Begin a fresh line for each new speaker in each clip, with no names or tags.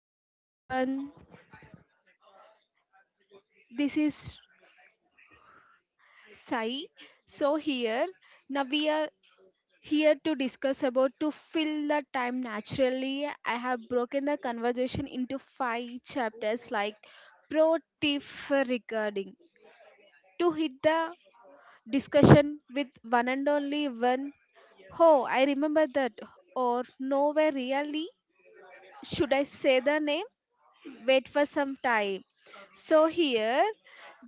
Hello everyone, this is Sai. So here now we are here to discuss about to fill the time naturally. I have broken the conversation into five chapters like pro tip for recording to hit the discussion with one and only one. Oh, I remember that or nowhere really should I say the name? Wait for some time. So here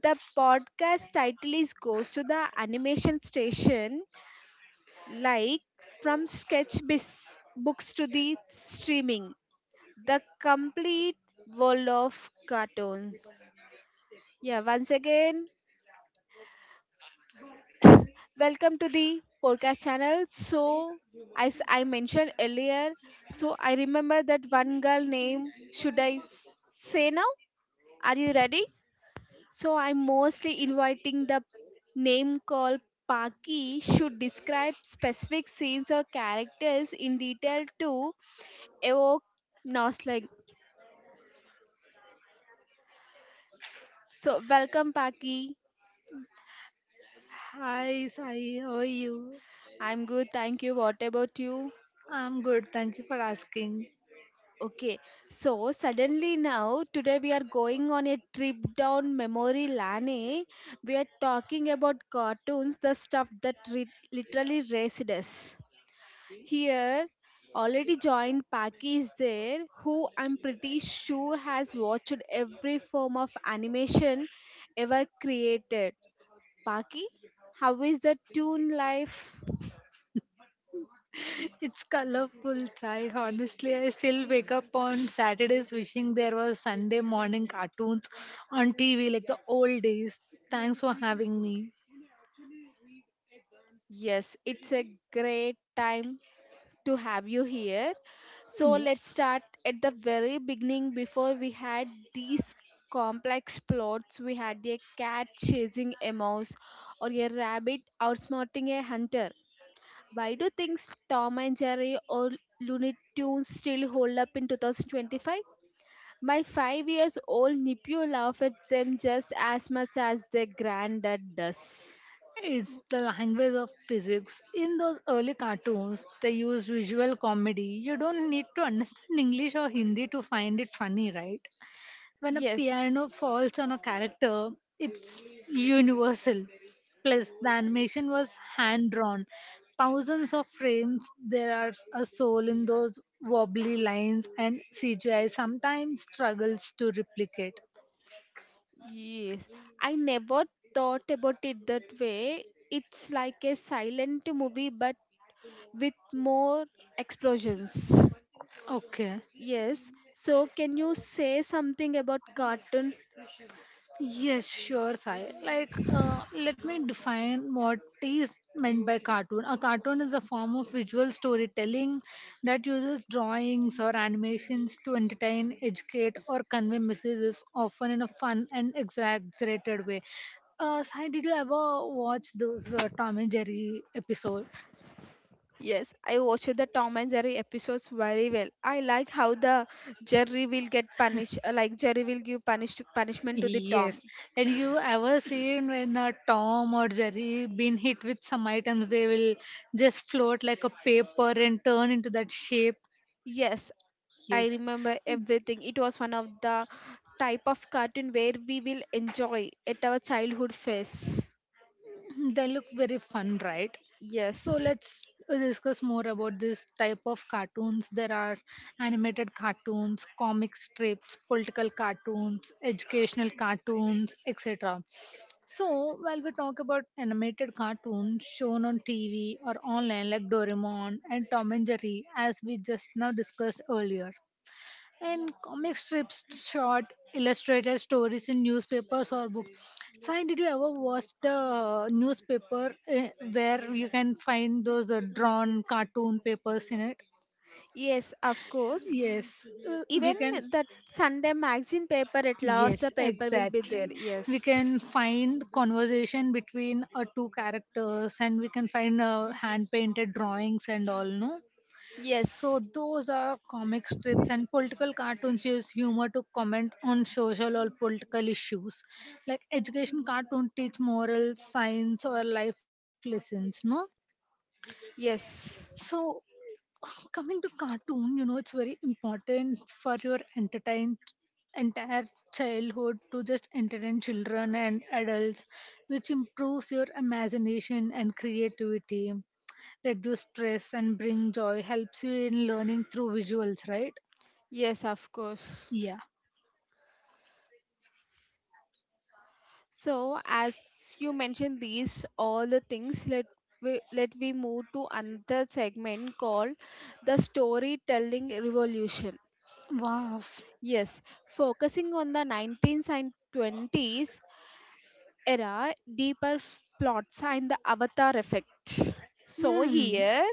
the podcast title is goes to the animation station like from books to the streaming the complete world of cartoons, yeah. Once again, welcome to the podcast channel. So as I mentioned earlier, so I remember that one girl name, should I say now? Are you ready? So I'm mostly inviting the name called Paki should describe specific scenes or characters in detail to evoke nostalgia. So welcome, Paki.
Hi, Sai. How are you?
I'm good, thank you. What about you?
I'm good. Thank you for asking.
Okay, so suddenly now today we are going on a trip down memory lane, eh? We are talking about cartoons, the stuff that literally raised us. Here, already joined Paki is there, who I'm pretty sure has watched every form of animation ever created. Paki, how is the tune life?
It's colorful, Sai. Honestly, I still wake up on Saturdays wishing there was Sunday morning cartoons on TV like the old days. Thanks for having me.
Yes, it's a great time to have you here. So let's
Yes.
start at the very beginning before we had these complex plots. We had a cat chasing a mouse or a rabbit outsmarting a hunter. Why do things Tom and Jerry or Looney Tunes still hold up in 2025? My 5 years old nephew laughs at them just as much as their granddad does.
It's the language of physics. In those early cartoons, they used visual comedy. You don't need to understand English or Hindi to find it funny, right? When a
Yes,
piano falls on a character, it's universal. Plus, the animation was hand drawn. Thousands of frames, there are a soul in those wobbly lines, and CGI sometimes struggles to replicate.
yes. I never thought about it that way. It's like a silent movie but with more explosions.
Okay.
Yes. So, can you say something about cartoon?
Yes, sure, Sai. Let me define what is meant by cartoon. A cartoon is a form of visual storytelling that uses drawings or animations to entertain, educate, or convey messages, often in a fun and exaggerated way. Sai, did you ever watch those Tom and Jerry episodes?
Yes, I watched the Tom and Jerry episodes very well. I like how the Jerry will get punished, like Jerry will give punishment to the
Yes.
Tom.
And you ever seen when Tom or Jerry been hit with some items, they will just float like a paper and turn into that shape.
Yes, I
Yes.
remember everything. It was one of the type of cartoon where we will enjoy at our childhood phase.
They look very fun, right? So
Yes,
let's discuss more about this type of cartoons. There are animated cartoons, comic strips, political cartoons, educational cartoons, etc. So, while we talk about animated cartoons shown on TV or online, like Doraemon and Tom and Jerry, as we just now discussed earlier, and comic strips, short illustrated stories in newspapers or books. Sai, did you ever watch the newspaper eh, where you can find those drawn cartoon papers in it?
yes, of course.
Yes, we
Even
can.
the Sunday magazine paper, at last the
Yes,
paper will be
exactly.
there.
We
Yes,
can find conversation between two characters and we can find hand painted drawings and all, no? So,
yes,
those are comic strips, and political cartoons use humor to comment on social or political issues. Like education cartoon teach morals, science, or life lessons, no?
yes,
So, coming to cartoon, you know, it's very important for your entertain entire childhood to just entertain children and adults, which improves your imagination and creativity, reduce stress and bring joy, helps you in learning through visuals, right?
yes, of course.
Yeah.
So, as you mentioned these all the things, let we move to another segment called the storytelling revolution.
Wow.
Yes, focusing on the 19th and 20s era, deeper plots and the avatar effect. So
Hmm.
here,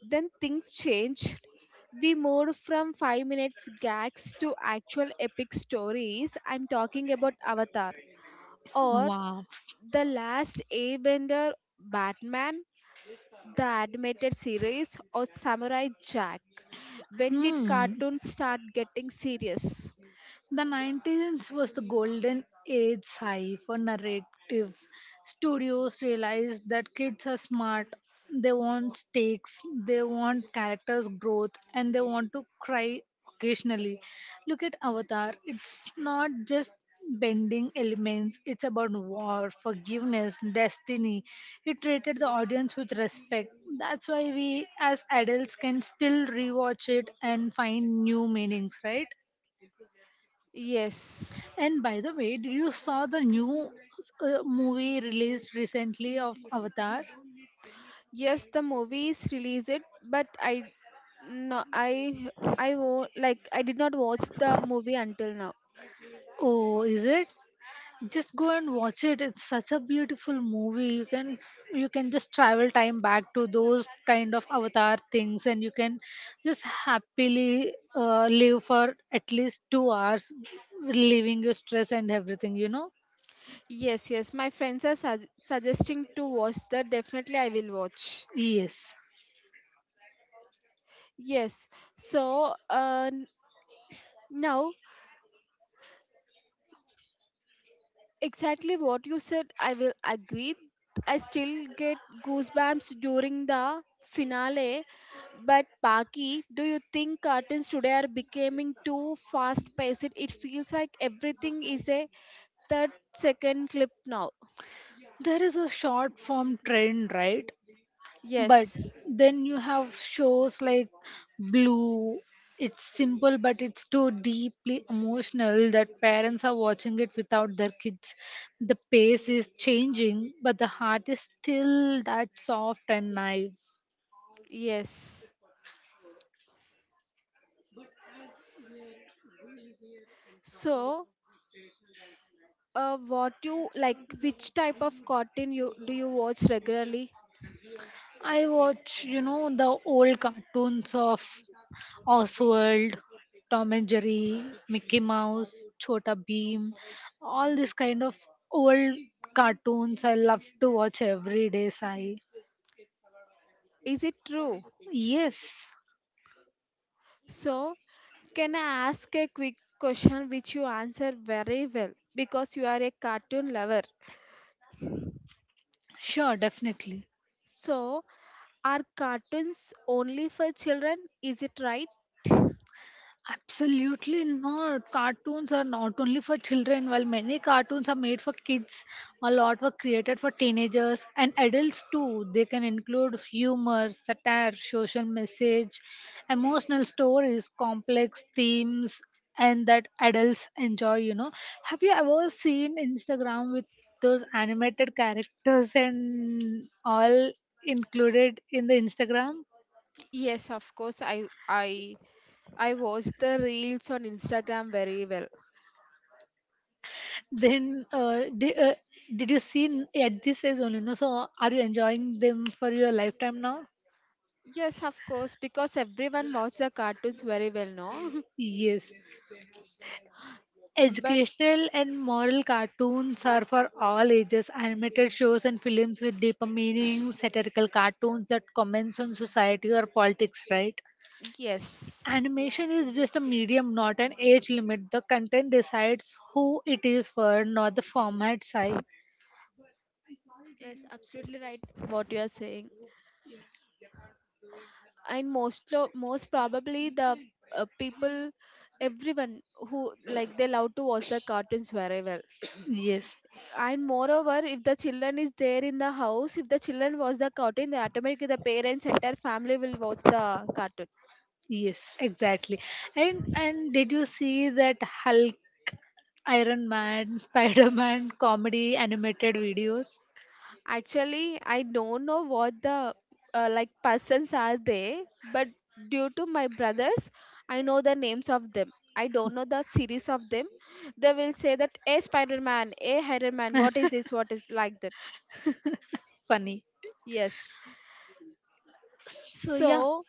then things changed. We moved from 5 minutes gags to actual epic stories. I'm talking about Avatar or
Wow.
The Last Airbender, Batman, the animated series, or Samurai Jack. When did
Hmm.
cartoons start getting serious?
The 90s was the golden age high for narrative. Studios realized that kids are smart, they want stakes, they want characters' growth, and they want to cry occasionally. Look at Avatar, it's not just bending elements, it's about war, forgiveness, destiny. It treated the audience with respect. That's why we, as adults, can still rewatch it and find new meanings, right?
Yes.
And by the way, did you saw the new movie released recently of Avatar?
Yes, the movies released it, but I no, I like, I did not watch the movie until now.
Oh, is it? Just go and watch it. It's such a beautiful movie. You can just travel time back to those kind of Avatar things, and you can just happily live for at least 2 hours, relieving your stress and everything. You know?
Yes, yes, my friends are suggesting to watch that. Definitely, I will watch.
Yes.
Yes. So, now exactly what you said, I will agree. I still get goosebumps during the finale. But Paki, do you think cartoons today are becoming too fast paced? It feels like everything is a third second clip now.
There is a short form trend, right? But
Yes.
then you have shows like blue, it's simple but it's too deeply emotional that parents are watching it without their kids. The pace is changing but the heart is still that soft and naive.
Yes. So, what you like which type of cartoon you do you watch regularly?
I watch, you know, the old cartoons of Oswald, Tom and Jerry, Mickey Mouse, Chota Beam, all this kind of old cartoons. I love to watch every day, Sai.
Is it true?
Yes,
So, can I ask a quick question which you answer very well because you are a cartoon lover?
sure, definitely.
So, are cartoons only for children? Is it right?
Absolutely not. Cartoons are not only for children. While many cartoons are made for kids, a lot were created for teenagers and adults too. They can include humor, satire, social message, emotional stories, complex themes, and that adults enjoy, you know. Have you ever seen Instagram with those animated characters and all included in the Instagram?
Yes, of course. I watch the reels on Instagram very well.
Then did you see at this age only, no? So are you enjoying them for your lifetime now?
Yes, of course, because everyone watches the cartoons very well, no?
Yes,
But
educational and moral cartoons are for all ages, animated shows and films with deeper meaning, satirical cartoons that comments on society or politics, right?
yes.
Animation is just a medium, not an age limit. The content decides who it is for, not the format size.
Yes, absolutely right what you are saying. And most most probably the people, everyone who like they love to watch the cartoons very well.
Yes.
And moreover if the children is there in the house, if the children watch the cartoon, they automatically the parents entire family will watch the cartoon.
Yes, exactly. And did you see that Hulk, Iron Man, Spider Man comedy animated videos?
Actually I don't know what the like persons are they, but due to my brothers I know the names of them. I don't know the series of them. They will say that a Spider-Man, a Iron Man, what is this, what is like that.
Funny.
Yes.
So yeah,
So,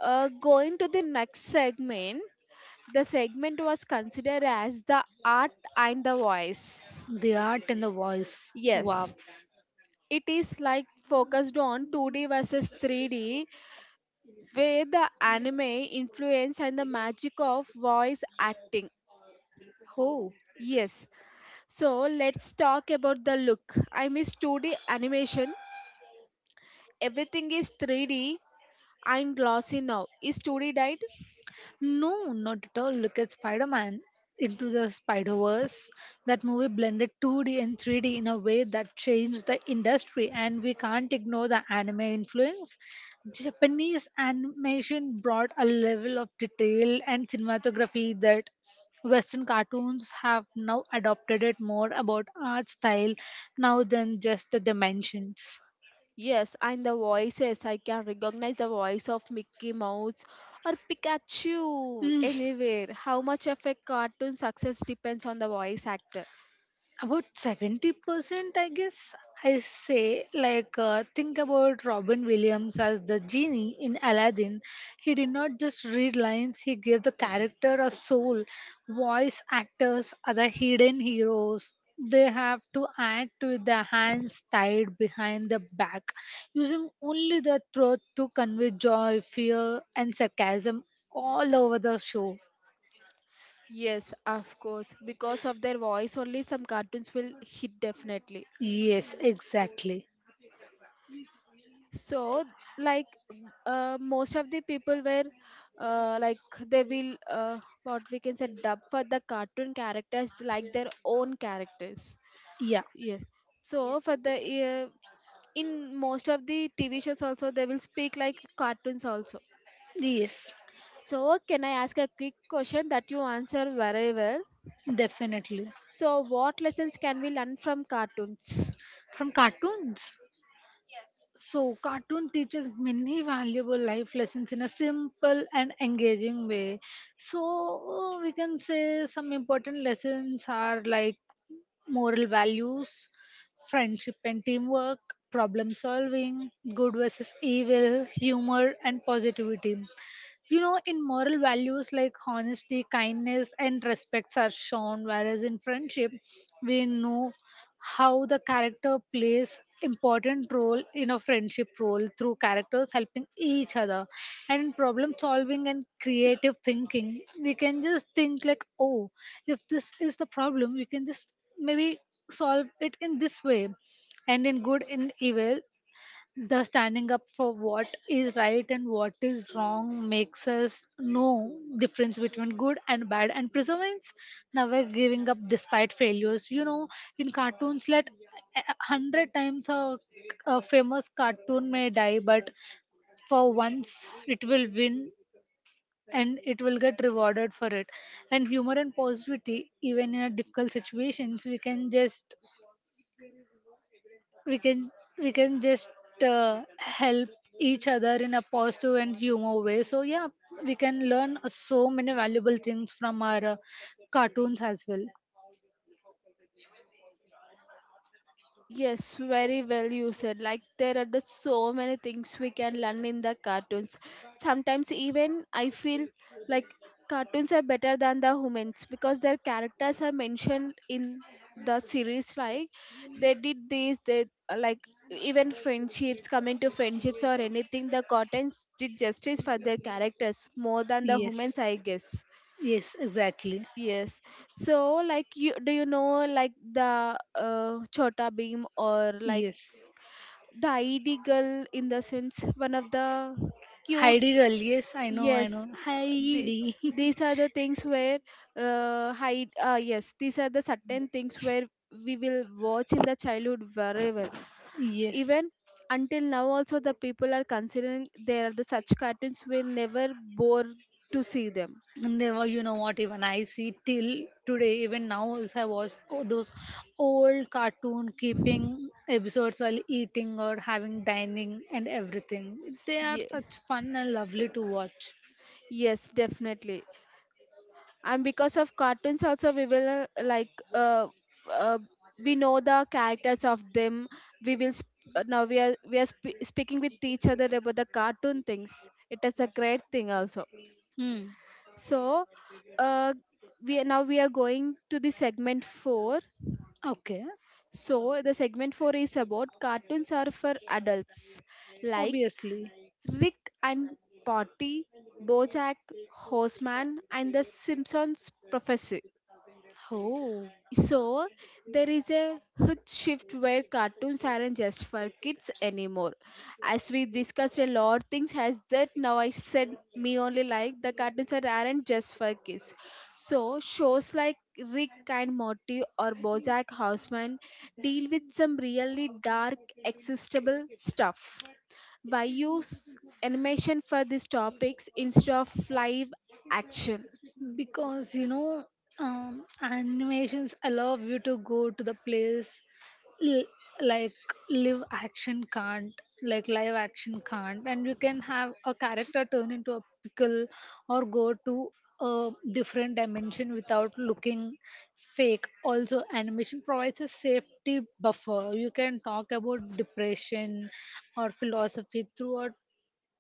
going to the next segment, the segment was considered as the art and the voice.
the art and the voice. Wow.
Yes, it is like focused on 2D versus 3D, where the anime influence and the magic of voice acting.
Oh.
Yes, so let's talk about the look. I miss 2D animation. Everything is 3D and glossy now. Is 2D died?
No, not at all. Look at Spider Man into the Spider Verse. That movie blended 2D and 3D in a way that changed the industry, and we can't ignore the anime influence. Japanese animation brought a level of detail and cinematography that Western cartoons have now adopted. It more about art style now than just the dimensions.
Yes, and the voices, I can recognize the voice of Mickey Mouse or Pikachu anywhere. How much of a cartoon success depends on the voice actor?
About 70%, I guess I say, think about Robin Williams as the genie in Aladdin. He did not just read lines, he gave the character a soul. Voice actors are the hidden heroes. They have to act with their hands tied behind their back, using only the throat to convey joy, fear, and sarcasm all over the show.
Yes, of course. Because of their voice, only some cartoons will hit definitely.
Yes, exactly.
So, like, most of the people were, like, they will, what we can say, dub for the cartoon characters like their own characters.
Yeah,
Yes. So, for the in most of the TV shows also they will speak like cartoons also.
yes.
So, can I ask a quick question that you answer very well?
Definitely.
So, what lessons can we learn from cartoons?
From cartoons. So, cartoon teaches many valuable life lessons in a simple and engaging way. So, we can say some important lessons are like moral values, friendship and teamwork, problem solving, good versus evil, humor, and positivity. You know, in moral values like honesty, kindness, and respects are shown, whereas in friendship, we know how the character plays important role in a friendship role through characters helping each other. And in problem solving and creative thinking, we can just think like, oh, if this is the problem, we can just maybe solve it in this way. And in good and evil, the standing up for what is right and what is wrong makes us know difference between good and bad. And perseverance, never giving up despite failures. You know, in cartoons, let a hundred times a famous cartoon may die, but for once it will win and it will get rewarded for it. And humor and positivity, even in a difficult situations, we can we can just help each other in a positive and humor way. So yeah, we can learn so many valuable things from our cartoons as well.
Yes, very well you said. Like there are the so many things we can learn in the cartoons. Sometimes even I feel like cartoons are better than the humans because their characters are mentioned in the series like they did this, they like even friendships coming to friendships or anything the cartoons did justice for their characters more than the
Yes.
humans I guess.
Yes, exactly.
Yes. So like you do you know like the Chota Beam or like
Yes.
the id girl in the sense one of the cute.
Heidi girl. Yes, I know, I
Yes,
know.
the,
Heidi.
these are the things where hide yes these are the certain things where we will watch in the childhood very well.
Yes.
Even until now also the people are considering there are the such cartoons will never bore to see them.
And they were, you know what, even I see till today, even now also I watch those old cartoon keeping episodes while eating or having dining and everything. They are
Ye-
such fun and lovely to watch.
yes, definitely. And because of cartoons also we will uh, we know the characters of them. We will now we are speaking with each other about the cartoon things. It is a great thing also.
Hmm.
So uh, we are now, we are going to the segment 4.
Okay,
So the segment 4 is about cartoons are for adults like
obviously.
Rick and Potty, BoJack Horseman, and the Simpsons prophecy.
Oh,
So there is a huge shift where cartoons aren't just for kids anymore. As we discussed a lot, things has that now I said me only like the cartoons are aren't just for kids. So shows like Rick and Morty or BoJack Horseman deal with some really dark, existable stuff. Why use animation for these topics instead of live action?
because you know, animations allow you to go to the place l- like live action can't like live action can't. And you can have a character turn into a pickle or go to a different dimension without looking fake. Also animation provides a safety buffer. You can talk about depression or philosophy throughout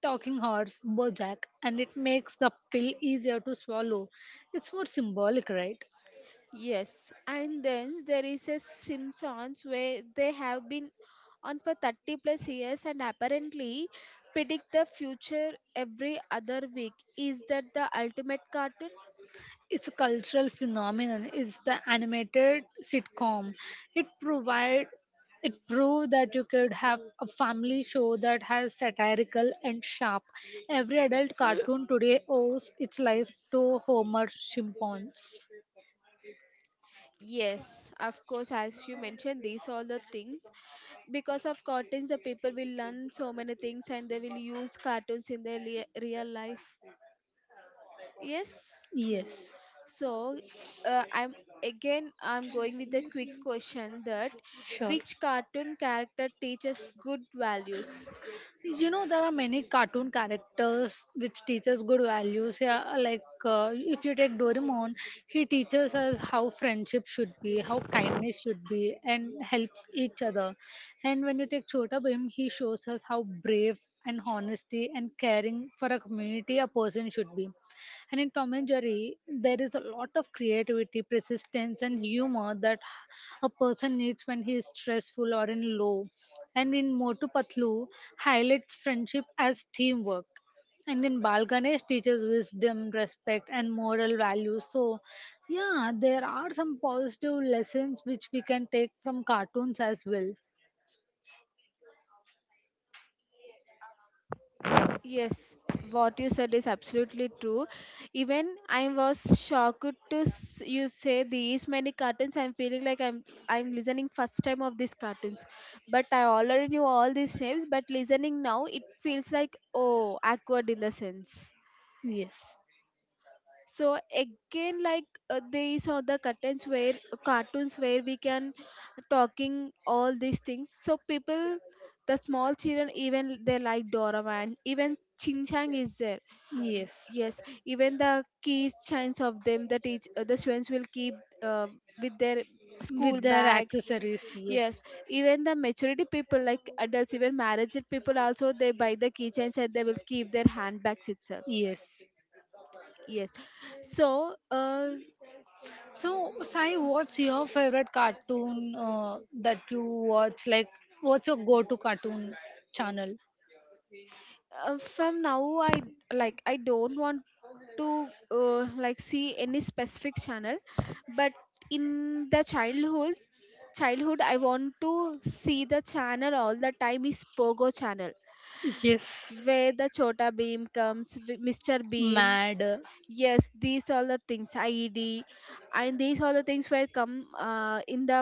Talking Horse, Bojack, and it makes the pill easier to swallow. It's more symbolic, right?
Yes, and then there is a Simpsons where they have been on for 30 plus years and apparently predict the future every other week. Is that the ultimate cartoon?
It's a cultural phenomenon. It's the animated sitcom. It provide it proved that you could have a family show that has satirical and sharp. Every adult cartoon today owes its life to Homer Simpson's.
Yes, of course, as you mentioned, these all the things. Because of cartoons, the people will learn so many things, and they will use cartoons in their real life. Yes.
Yes.
So, uh, I'm I'm going with the quick question that
Sure.
which cartoon character teaches good values?
You know, there are many cartoon characters which teach us good values. Yeah, like if you take Doraemon, he teaches us how friendship should be, how kindness should be, and helps each other. And when you take Chota Bhim, he shows us how brave and honesty and caring for a community a person should be. And in Tom and Jerry, there is a lot of creativity, persistence, and humor that a person needs when he is stressful or in low. And in Motu Patlu highlights friendship as teamwork. And in Bal Ganesh teaches wisdom, respect, and moral values. So, yeah, there are some positive lessons which we can take from cartoons as well.
Yes, what you said is absolutely true. Even I was shocked to you say these many cartoons. I'm feeling like I'm listening first time of these cartoons, but I already knew all these names. But listening now, it feels like oh, awkward in the sense.
Yes,
So again like these are the curtains where cartoons where we can, talking all these things so people, the small children, even they like Doraemon, even Chin Chang is there. Mm,
yes.
yes, even the keys chains of them the teach, the students will keep uh, with their school
With their
bags.
accessories,
Yes,
yes,
even the maturity people like adults even married people also they buy the keychains and they will keep their handbags itself.
yes.
Yes. So
So, Sai, what's your favorite cartoon that you watch? Like, what's your go-to cartoon channel?
from now I like I don't want to like see any specific channel, but in the childhood I want to see the channel all the time is Pogo channel
Yes.
where the Chota Beam comes, Mr Beam,
Mad.
yes these all the things ied, and these all the things were come in the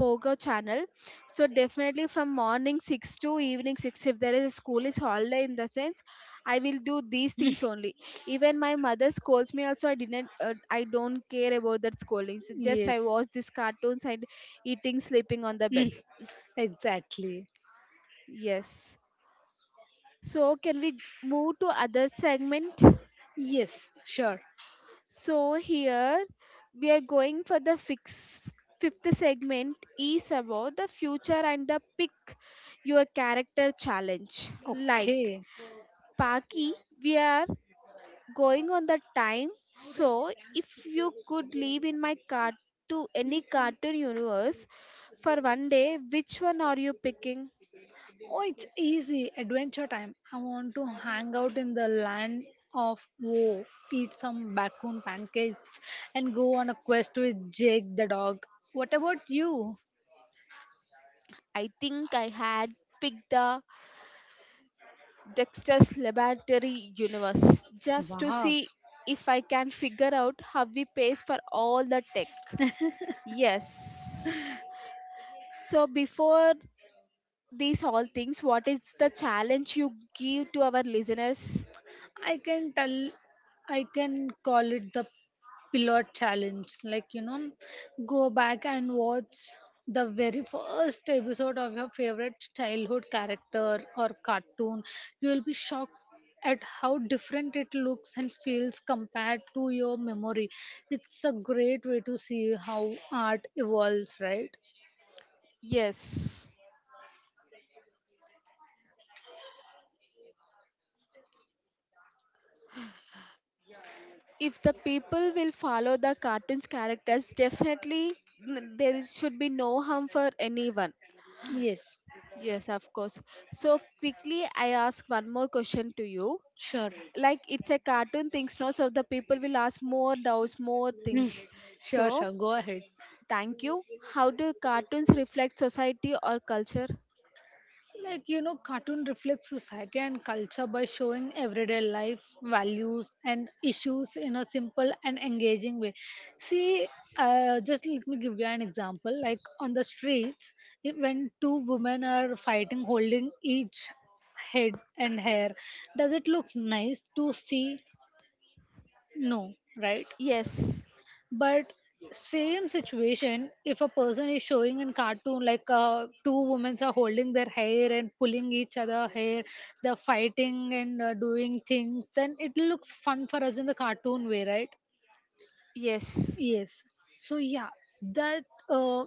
Pogo channel. So definitely from morning 6 to evening 6 if there is a school is holiday in the sense I will do these things only. Even my mother scolds me also I didn't, I don't care about that scolding. So just I
Yes.
watch these cartoons and eating sleeping on the bed.
Mm. Exactly.
Yes. So can we move to other segment?
Yes. Sure.
So here we are going for the fix fifth segment is about the future and the pick your character challenge. Like
Okay.
Paki, we are going on the time. So if you could live in my cart to any cartoon universe for one day, which one are you picking?
Oh, it's easy. Adventure time. I want to hang out in the land of woe, eat some bacon pancakes, and go on a quest with Jake the dog. What about you?
I think I had picked the Dexter's Laboratory universe just to
Wow.
see if I can figure out how he pays for all the tech. Yes. So, before these all things, what is the challenge you give to our listeners?
I can tell, I can call it the pilot challenge. Like, you know, go back and watch the very first episode of your favorite childhood character or cartoon. You will be shocked at how different it looks and feels compared to your memory. It's a great way to see how art evolves, right?
Yes. If the people will follow the cartoon's characters, definitely, there should be no harm for anyone.
Yes,
Yes, of course. So, quickly, I ask one more question to you.
sure.
Like it's a cartoon things no, so the people will ask more doubts more
Hmm,
things. So
sure, sure. Go ahead.
thank you. How do cartoons reflect society or culture?
Like, you know, cartoon reflects society and culture by showing everyday life, values, and issues in a simple and engaging way. See, just let me give you an example. Like, on the streets, when two women are fighting, holding each head and hair, does it look nice to see? No, right?
Yes.
But same situation, if a person is showing in cartoon, like two women are holding their hair and pulling each other hair, they're fighting and doing things, then it looks fun for us in the cartoon way, right?
Yes.
Yes. So yeah, that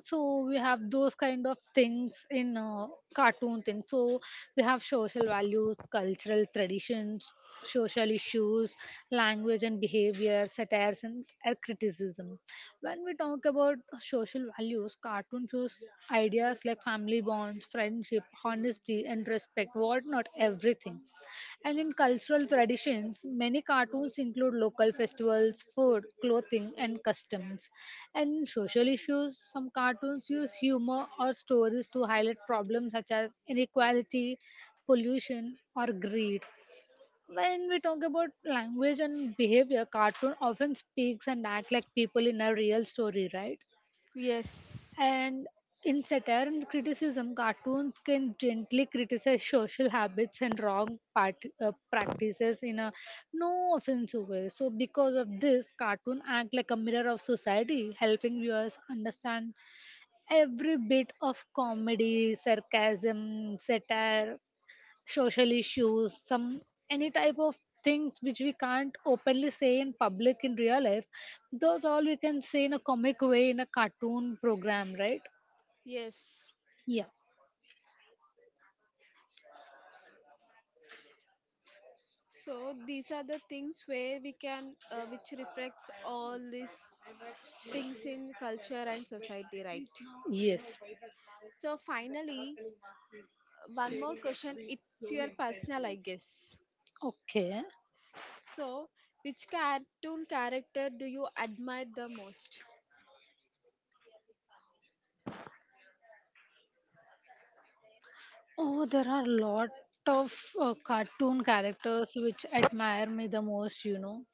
so we have those kind of things in cartoon things. So we have social values, cultural traditions, social issues, language and behavior, satires and criticism. When we talk about social values, cartoon shows ideas like family bonds, friendship, honesty and respect. What not everything. And in cultural traditions, many cartoons include local festivals, food, clothing, and customs. And in social issues, some cartoons use humor or stories to highlight problems such as inequality, pollution, or greed. When we talk about language and behavior, cartoon often speaks and act like people in a real story, right?
Yes.
And in satire and criticism, cartoons can gently criticize social habits and wrong part, practices in a no offensive way. So, because of this, cartoon act like a mirror of society, helping viewers understand every bit of comedy, sarcasm, satire, social issues, some any type of things which we can't openly say in public in real life. Those all we can say in a comic way in a cartoon program, right?
Yes.
Yeah.
So these are the things where we can, which reflects all these things in culture and society, right?
Yes.
So finally one more question, it's your personal I guess.
Okay.
So, which cartoon character do you admire the most?
Oh, there are a lot of cartoon characters which admire me the most, you know.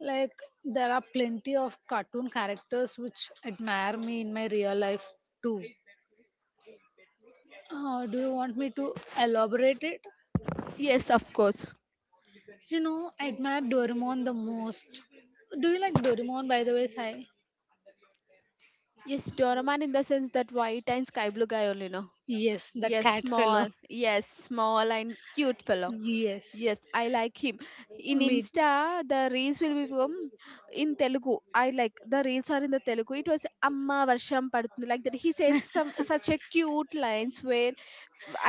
Like, there are plenty of cartoon characters which admire me in my real life too. Do you want me to elaborate it?
Yes, of course.
You know, I admire Doraemon the most. Do you like Doraemon, by the way, Sai?
Yes, Doraemon in the sense that white and sky blue guy only know.
Yes, the
Yes,
cat fellow.
small. Yes, small and cute fellow.
Yes,
Yes, I like him. In
me.
Insta, the reels will become in Telugu. I like the reels are in the Telugu. It was Amma Varsham Padutundi like that. He says some such a cute lines where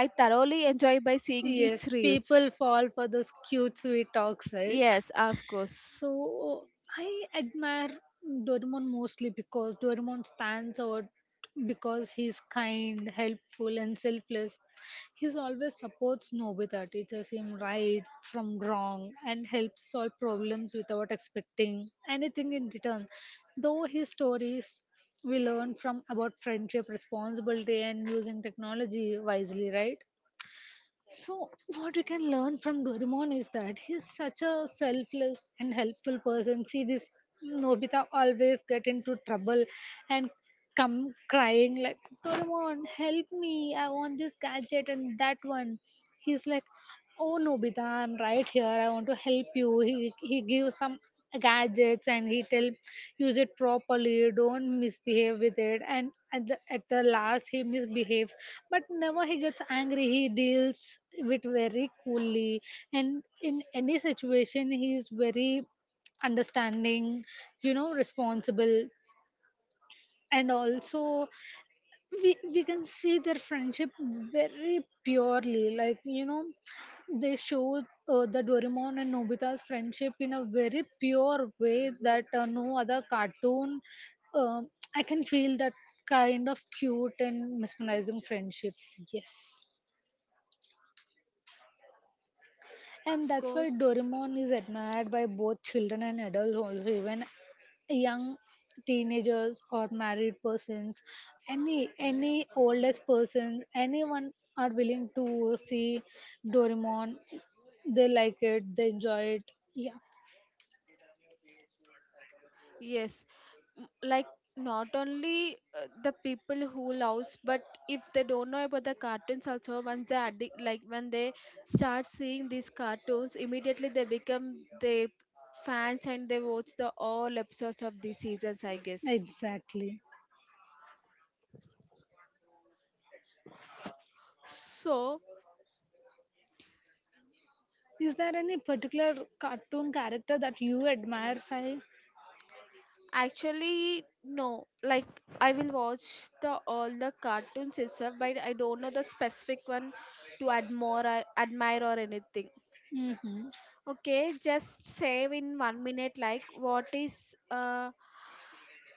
I thoroughly enjoy by seeing his
Yes,
reels.
people fall for those cute, sweet talks, right?
Yes, of course.
So I admire Doraemon mostly because Doraemon stands out because he's kind, helpful, and selfless. He's always supports Nobita, teaches him right from wrong, and helps solve problems without expecting anything in return. Though his stories we learn from about friendship, responsibility, and using technology wisely, right? So, what you can learn from Doraemon is that he's such a selfless and helpful person. See, this Nobita always get into trouble and come crying like, Doraemon, help me! I want this gadget and that one. He's like, Oh Nobita, I'm right here. I want to help you. He gives some gadgets and he tell use it properly, don't misbehave with it, and at the last he misbehaves, but never he gets angry, he deals with very coolly, and in any situation he is very understanding, you know, responsible, and also we can see their friendship very purely, like, you know, they show the doraemon and nobita's friendship in a very pure way, that no other cartoon, uh, I can feel that kind of cute and mesmerizing friendship. Yes. And
Of
that's why
course,
Doraemon is admired by both children and adults also, even young teenagers or married persons, any oldest persons, anyone are willing to see Doraemon. They like it, they enjoy it. Yeah.
yes. Like not only the people who loves, but if they don't know about the cartoons, also once they like when they start seeing these cartoons, immediately they become their fans and they watch the all episodes of these seasons, I guess.
Exactly.
So
Is there any particular cartoon character that you admire, Sai?
actually no, like I will watch the all the cartoons itself but I don't know the specific one to admire or anything.
Mm-hmm.
Okay, just save in one minute, like what is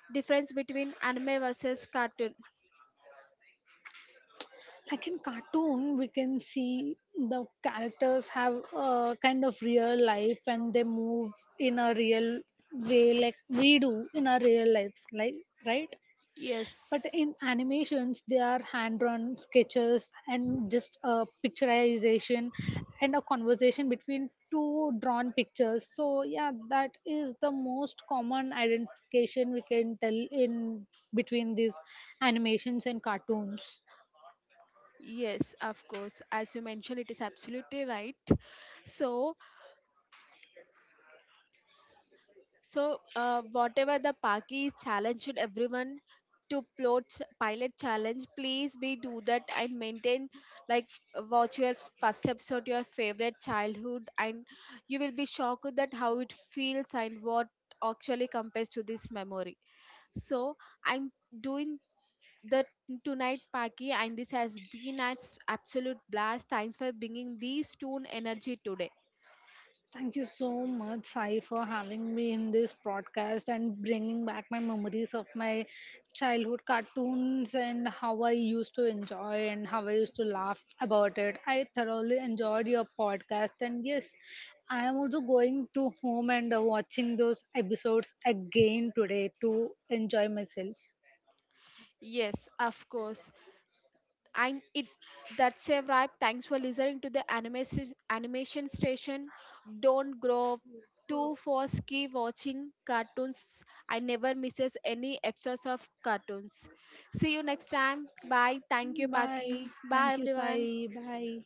difference between anime versus cartoon?
Like in cartoon, we can see the characters have a kind of real life and they move in a real way, like we do in our real lives, like, right? But
Yes,
in animations, they are hand-drawn sketches and just a picturization and a conversation between two drawn pictures. So yeah, that is the most common identification we can tell in between these animations and cartoons.
yes, of course. As you mentioned, it is absolutely right. So So, whatever the Paki is challenged everyone to plot pilot challenge, please be do that and maintain like watch your first episode, your favorite childhood, and you will be shocked that how it feels and what actually compares to this memory. So I'm doing the tonight, Paki, and this has been an absolute blast. Thanks for bringing these two energy today.
Thank you so much, Sai, for having me in this broadcast and bringing back my memories of my childhood cartoons and how I used to enjoy and how I used to laugh about it. I thoroughly enjoyed your podcast, and yes, I am also going to home and watching those episodes again today to enjoy myself.
Yes, of course. I it that's a wrap. Thanks for listening to the Animation Station. Don't grow too fast. Keep watching cartoons. I never misses any episodes of cartoons. See you next time. Bye. Thank you,
Bye.
Paki. Bye,
Thank you,
everyone.
Sai. Bye.